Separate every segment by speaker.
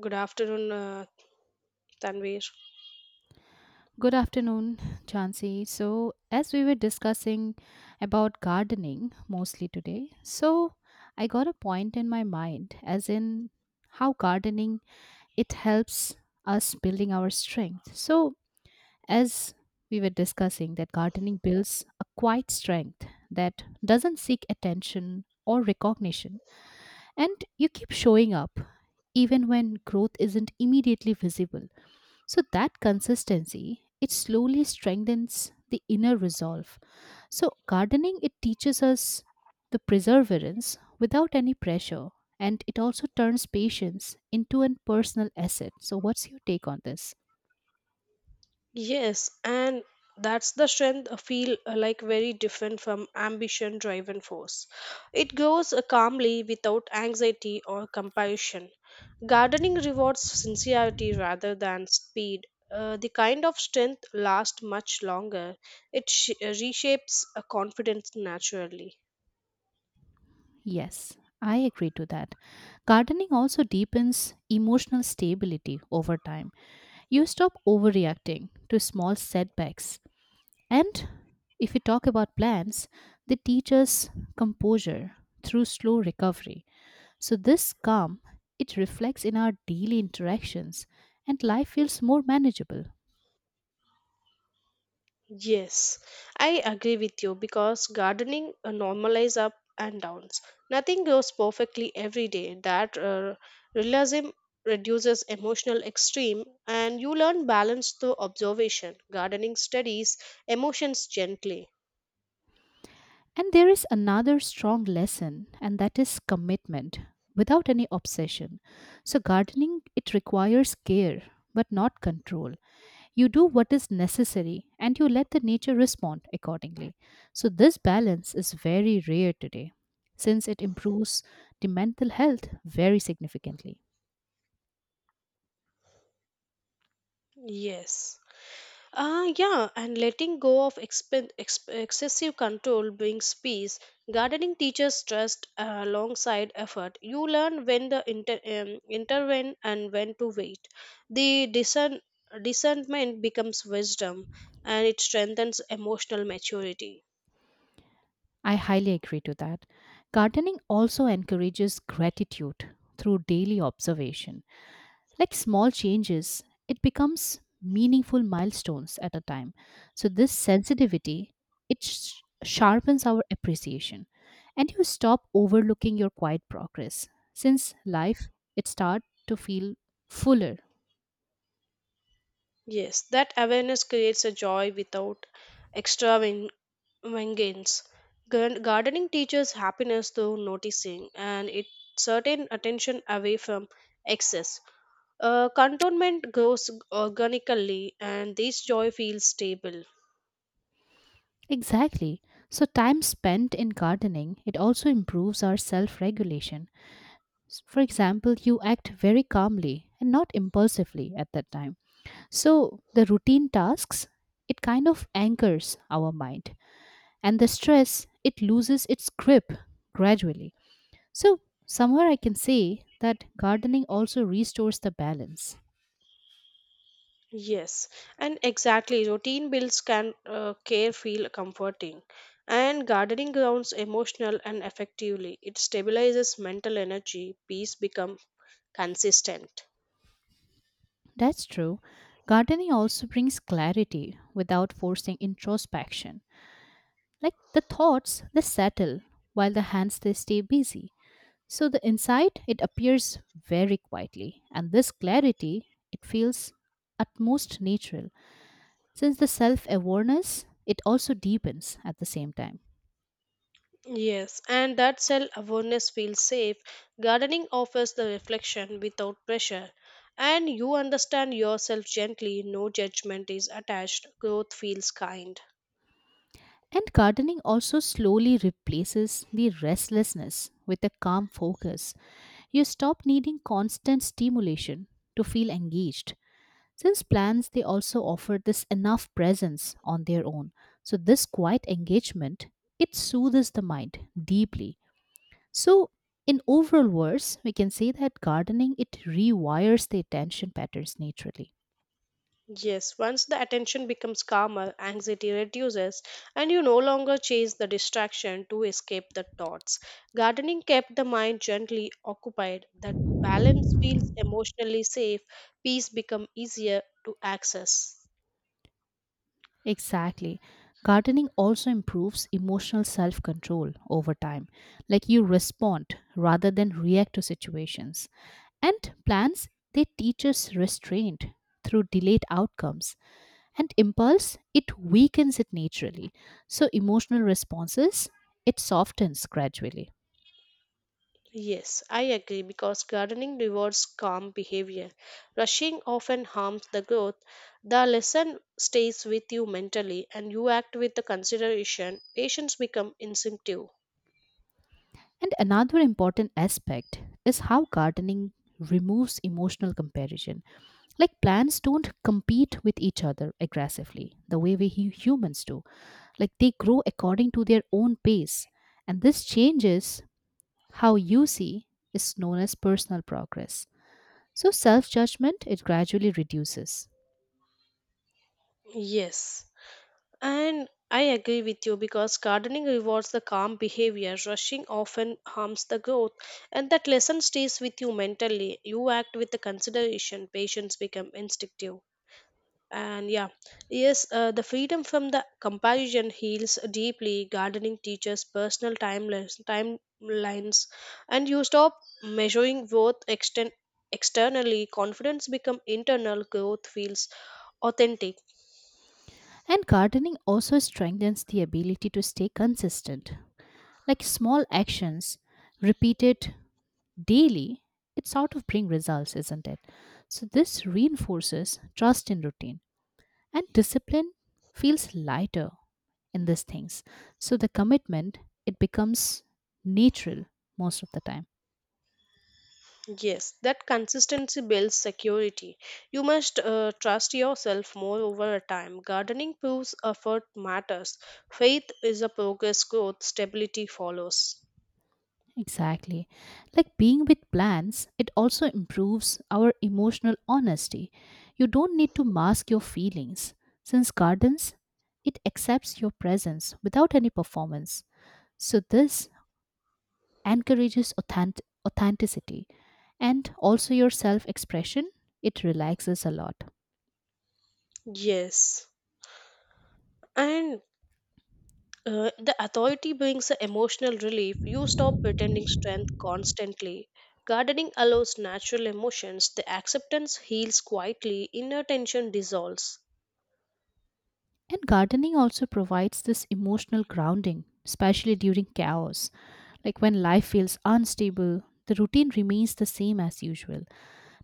Speaker 1: Good afternoon, Tanvir.
Speaker 2: Good afternoon, Chansey. So, as we were discussing about gardening mostly today, so I got a point in my mind as in how gardening it helps us building our strength. So, as we were discussing that gardening builds a quiet strength that doesn't seek attention or recognition and you keep showing up even when growth isn't immediately visible. So that consistency, it slowly strengthens the inner resolve. So gardening, it teaches us the perseverance without any pressure. And it also turns patience into a personal asset. So what's your take on this?
Speaker 1: Yes, and that's the strength I feel like very different from ambition driven force. It goes calmly without anxiety or compulsion. Gardening rewards sincerity rather than speed. The kind of strength lasts much longer. It reshapes a confidence naturally.
Speaker 2: Yes, I agree to that. Gardening also deepens emotional stability over time. You stop overreacting to small setbacks, and if we talk about plants, they teach us composure through slow recovery. So this calm, it reflects in our daily interactions and life feels more manageable.
Speaker 1: Yes, I agree with you because gardening normalize up and downs. Nothing grows perfectly every day. That realism reduces emotional extreme and you learn balance through observation. Gardening studies emotions gently.
Speaker 2: And there is another strong lesson and that is commitment without any obsession. So gardening it requires care but not control. You do what is necessary and you let the nature respond accordingly. So, this balance is very rare today since it improves the mental health very significantly.
Speaker 1: Yes. Yeah, and letting go of expen ex excessive control brings peace. Gardening teaches trust alongside effort. You learn when to intervene and when to wait. The discernment becomes wisdom and it strengthens emotional maturity.
Speaker 2: I highly agree to that. Gardening also encourages gratitude through daily observation like small changes, it becomes meaningful milestones at a time. So this sensitivity, it sharpens our appreciation and you stop overlooking your quiet progress since life it start to feel fuller.
Speaker 1: Yes, that awareness creates a joy without extra Vengeance. Gardening teaches happiness through noticing, and it certain attention away from excess. Contentment grows organically, and this joy feels stable.
Speaker 2: Exactly. So time spent in gardening, it also improves our self-regulation. For example, you act very calmly and not impulsively at that time. So the routine tasks, it kind of anchors our mind, and the stress, it loses its grip gradually. So, somewhere I can say that gardening also restores the balance.
Speaker 1: Yes, and exactly. Routine builds can care feel comforting, and gardening grounds emotional and effectively. It stabilizes mental energy. Peace become consistent.
Speaker 2: That's true. Gardening also brings clarity without forcing introspection. Like the thoughts, they settle while the hands they stay busy. So the insight it appears very quietly and this clarity it feels at most natural since the self awareness, it also deepens at the same time.
Speaker 1: Yes, and that self awareness feels safe. Gardening offers the reflection without pressure, and you understand yourself gently, no judgment is attached, growth feels kind.
Speaker 2: And gardening also slowly replaces the restlessness with a calm focus. You stop needing constant stimulation to feel engaged. Since plants, they also offer this enough presence on their own. So, this quiet engagement, it soothes the mind deeply. So, in overall words, we can say that gardening, it rewires the attention patterns naturally.
Speaker 1: Yes, once the attention becomes calmer, anxiety reduces, and you no longer chase the distraction to escape the thoughts. Gardening kept the mind gently occupied, that balance feels emotionally safe, peace become easier to access.
Speaker 2: Exactly. Gardening also improves emotional self control over time. Like you respond rather than react to situations. And plants, they teach us restraint through delayed outcomes. And impulse, it weakens it naturally. So emotional responses, it softens gradually.
Speaker 1: Yes, I agree because gardening rewards calm behavior. Rushing often harms the growth. The lesson stays with you mentally and you act with the consideration. Patience become instinctive.
Speaker 2: And another important aspect is how gardening removes emotional comparison. Like plants don't compete with each other aggressively the way we humans do. Like they grow according to their own pace. And this changes how you see is known as personal progress. So self judgment it gradually reduces.
Speaker 1: Yes, and I agree with you because gardening rewards the calm behavior. Rushing often harms the growth, and that lesson stays with you mentally. You act with the consideration. Patience become instinctive. And yeah, yes, the freedom from the comparison heals deeply. Gardening teaches personal timelines, and you stop measuring worth externally. Confidence become internal, growth feels authentic.
Speaker 2: And gardening also strengthens the ability to stay consistent. Like small actions repeated daily, it sort of bring results, isn't it? So this reinforces trust in routine and discipline feels lighter in these things, so the commitment it becomes natural most of the time.
Speaker 1: Yes, that consistency builds security. You must trust yourself more over a time. Gardening proves effort matters, faith is a progress, growth stability follows.
Speaker 2: Exactly. Like being with plans it also improves our emotional honesty. You don't need to mask your feelings since gardens it accepts your presence without any performance. So this encourages authenticity and also your self expression it relaxes a lot.
Speaker 1: Yes, and the authority brings a emotional relief. You stop pretending strength constantly. Gardening allows natural emotions. The acceptance heals quietly. Inner tension dissolves.
Speaker 2: And gardening also provides this emotional grounding, especially during chaos. Like when life feels unstable, the routine remains the same as usual.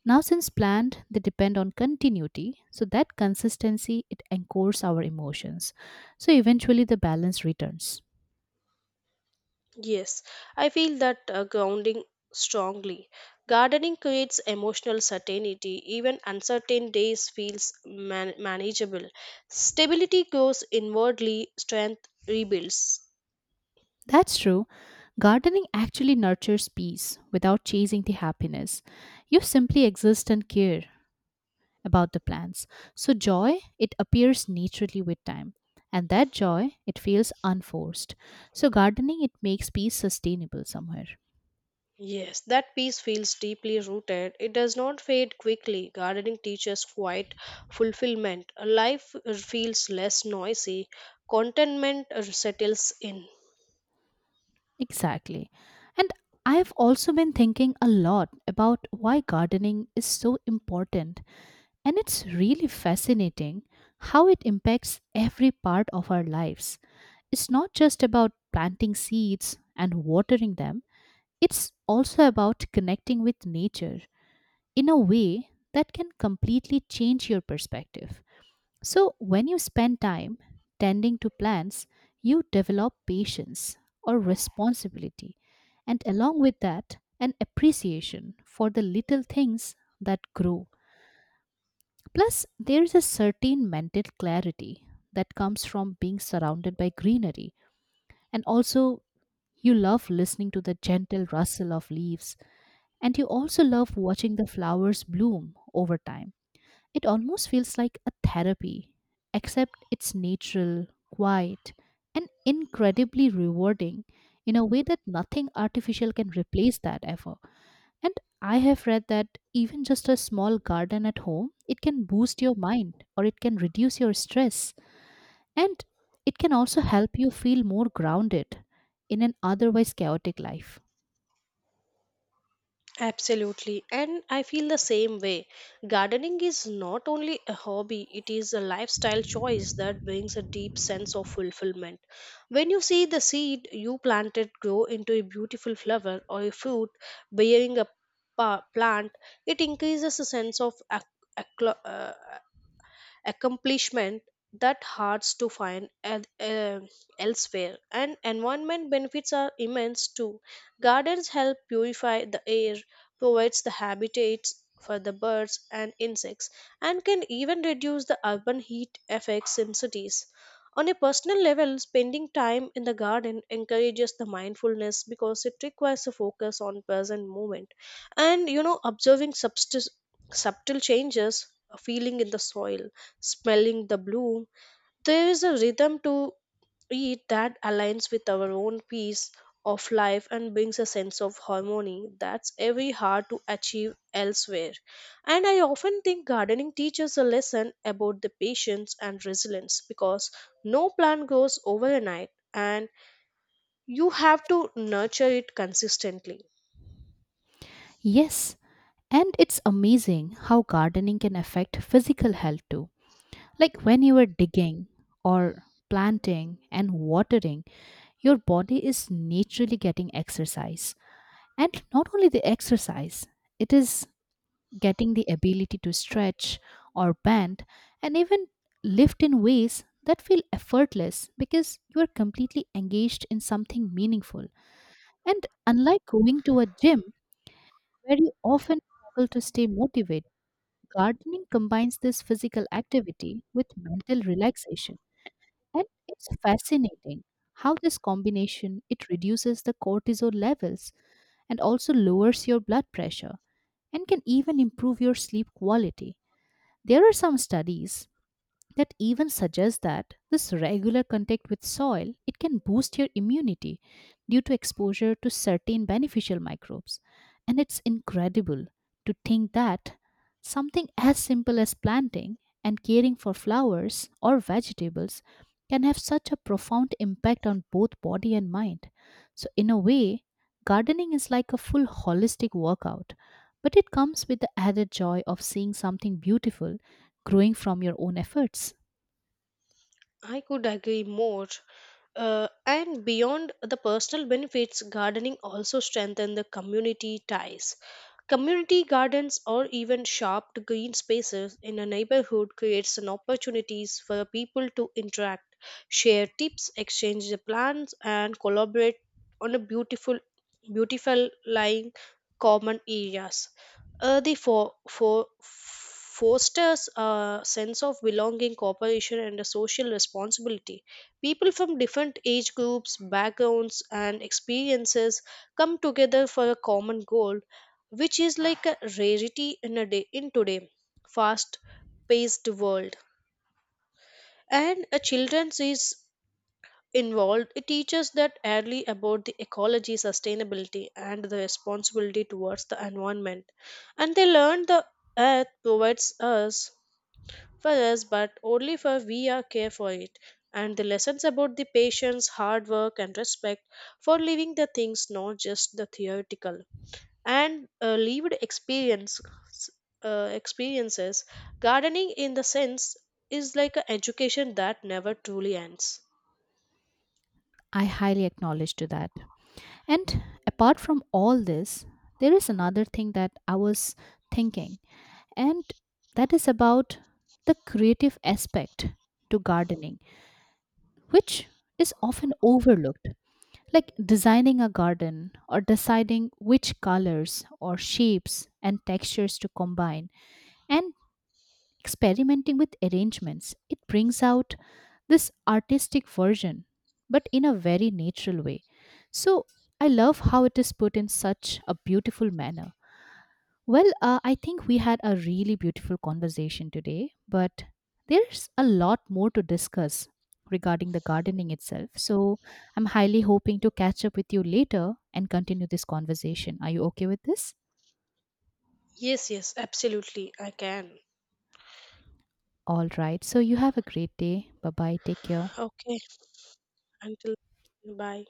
Speaker 2: Now, since planned, they depend on continuity, so that consistency it anchors our emotions. So eventually, the balance returns.
Speaker 1: Yes, I feel that grounding strongly. Gardening creates emotional certainty. Even uncertain days feels manageable. Stability grows inwardly. Strength rebuilds.
Speaker 2: That's true. Gardening actually nurtures peace without chasing the happiness. You simply exist and care, about the plans. So joy, it appears naturally with time. And that joy, it feels unforced. So gardening, it makes peace sustainable somewhere.
Speaker 1: Yes, that peace feels deeply rooted. It does not fade quickly. Gardening teaches quiet fulfillment. Life feels less noisy. Contentment settles in.
Speaker 2: Exactly. And I've also been thinking a lot about why gardening is so important. And it's really fascinating how it impacts every part of our lives. It's not just about planting seeds and watering them, it's also about connecting with nature in a way that can completely change your perspective. So, when you spend time tending to plants, you develop patience or responsibility, and along with that, an appreciation for the little things that grow. Plus, there is a certain mental clarity that comes from being surrounded by greenery, and also you love listening to the gentle rustle of leaves, and you also love watching the flowers bloom over time. It almost feels like a therapy, except it's natural, quiet, and incredibly rewarding in a way that nothing artificial can replace that ever. And I have read that even just a small garden at home, it can boost your mind or it can reduce your stress. And it can also help you feel more grounded in an otherwise chaotic life.
Speaker 1: Absolutely, and I feel the same way. Gardening is not only a hobby, it is a lifestyle choice that brings a deep sense of fulfillment. When you see the seed you planted grow into a beautiful flower or a fruit bearing a plant, it increases a sense of aclo- uh, accomplishment that hard to find elsewhere. And environment benefits are immense too. Gardens help purify the air, provides the habitats for the birds and insects, and can even reduce the urban heat effects in cities. On a personal level, spending time in the garden encourages the mindfulness because it requires a focus on present moment, and observing subtle changes, a feeling in the soil, smelling the bloom. There is a rhythm to it that aligns with our own peace of life and brings a sense of harmony that's very hard to achieve elsewhere. And I often think gardening teaches a lesson about the patience and resilience because no plant grows overnight and you have to nurture it consistently.
Speaker 2: Yes, and it's amazing how gardening can affect physical health too. Like when you are digging or planting and watering, your body is naturally getting exercise. And not only the exercise, it is getting the ability to stretch or bend and even lift in ways that feel effortless because you are completely engaged in something meaningful. And unlike going to a gym where you often struggle to stay motivated, gardening combines this physical activity with mental relaxation. And it's fascinating how this combination it reduces the cortisol levels and also lowers your blood pressure and can even improve your sleep quality. There are some studies that even suggests that this regular contact with soil it can boost your immunity due to exposure to certain beneficial microbes. And it's incredible to think that something as simple as planting and caring for flowers or vegetables can have such a profound impact on both body and mind. So in a way, gardening is like a full holistic workout, but it comes with the added joy of seeing something beautiful growing from your own efforts.
Speaker 1: I could agree more. And beyond the personal benefits, gardening also strengthens the community ties. Community gardens or even shaped green spaces in a neighborhood creates an opportunities for people to interact, share tips, exchange the plans, and collaborate on a beautiful lying common areas. The for fosters a sense of belonging, cooperation, and a social responsibility. People from different age groups, backgrounds, and experiences come together for a common goal, which is like a rarity in a day in today fast paced world. And a children's is involved. It teaches that early about the ecology, sustainability, and the responsibility towards the environment. And they learn the earth provides us for us, but only for we are care for it. And the lessons about the patience, hard work, and respect for living the things, not just the theoretical and lived experiences. Gardening, in the sense, is like an education that never truly ends.
Speaker 2: I highly acknowledge to that. And apart from all this, there is another thing that I was thinking, and that is about the creative aspect to gardening, which is often overlooked. Like designing a garden or deciding which colors or shapes and textures to combine, and experimenting with arrangements, it brings out this artistic version, but in a very natural way. So I love how it is put in such a beautiful manner. Well, I think we had a really beautiful conversation today, but there's a lot more to discuss regarding the gardening itself. So I'm highly hoping to catch up with you later and continue this conversation. Are you okay with this?
Speaker 1: Yes, yes, absolutely, I can.
Speaker 2: All right. So you have a great day. Bye bye. Take care.
Speaker 1: Okay, until bye.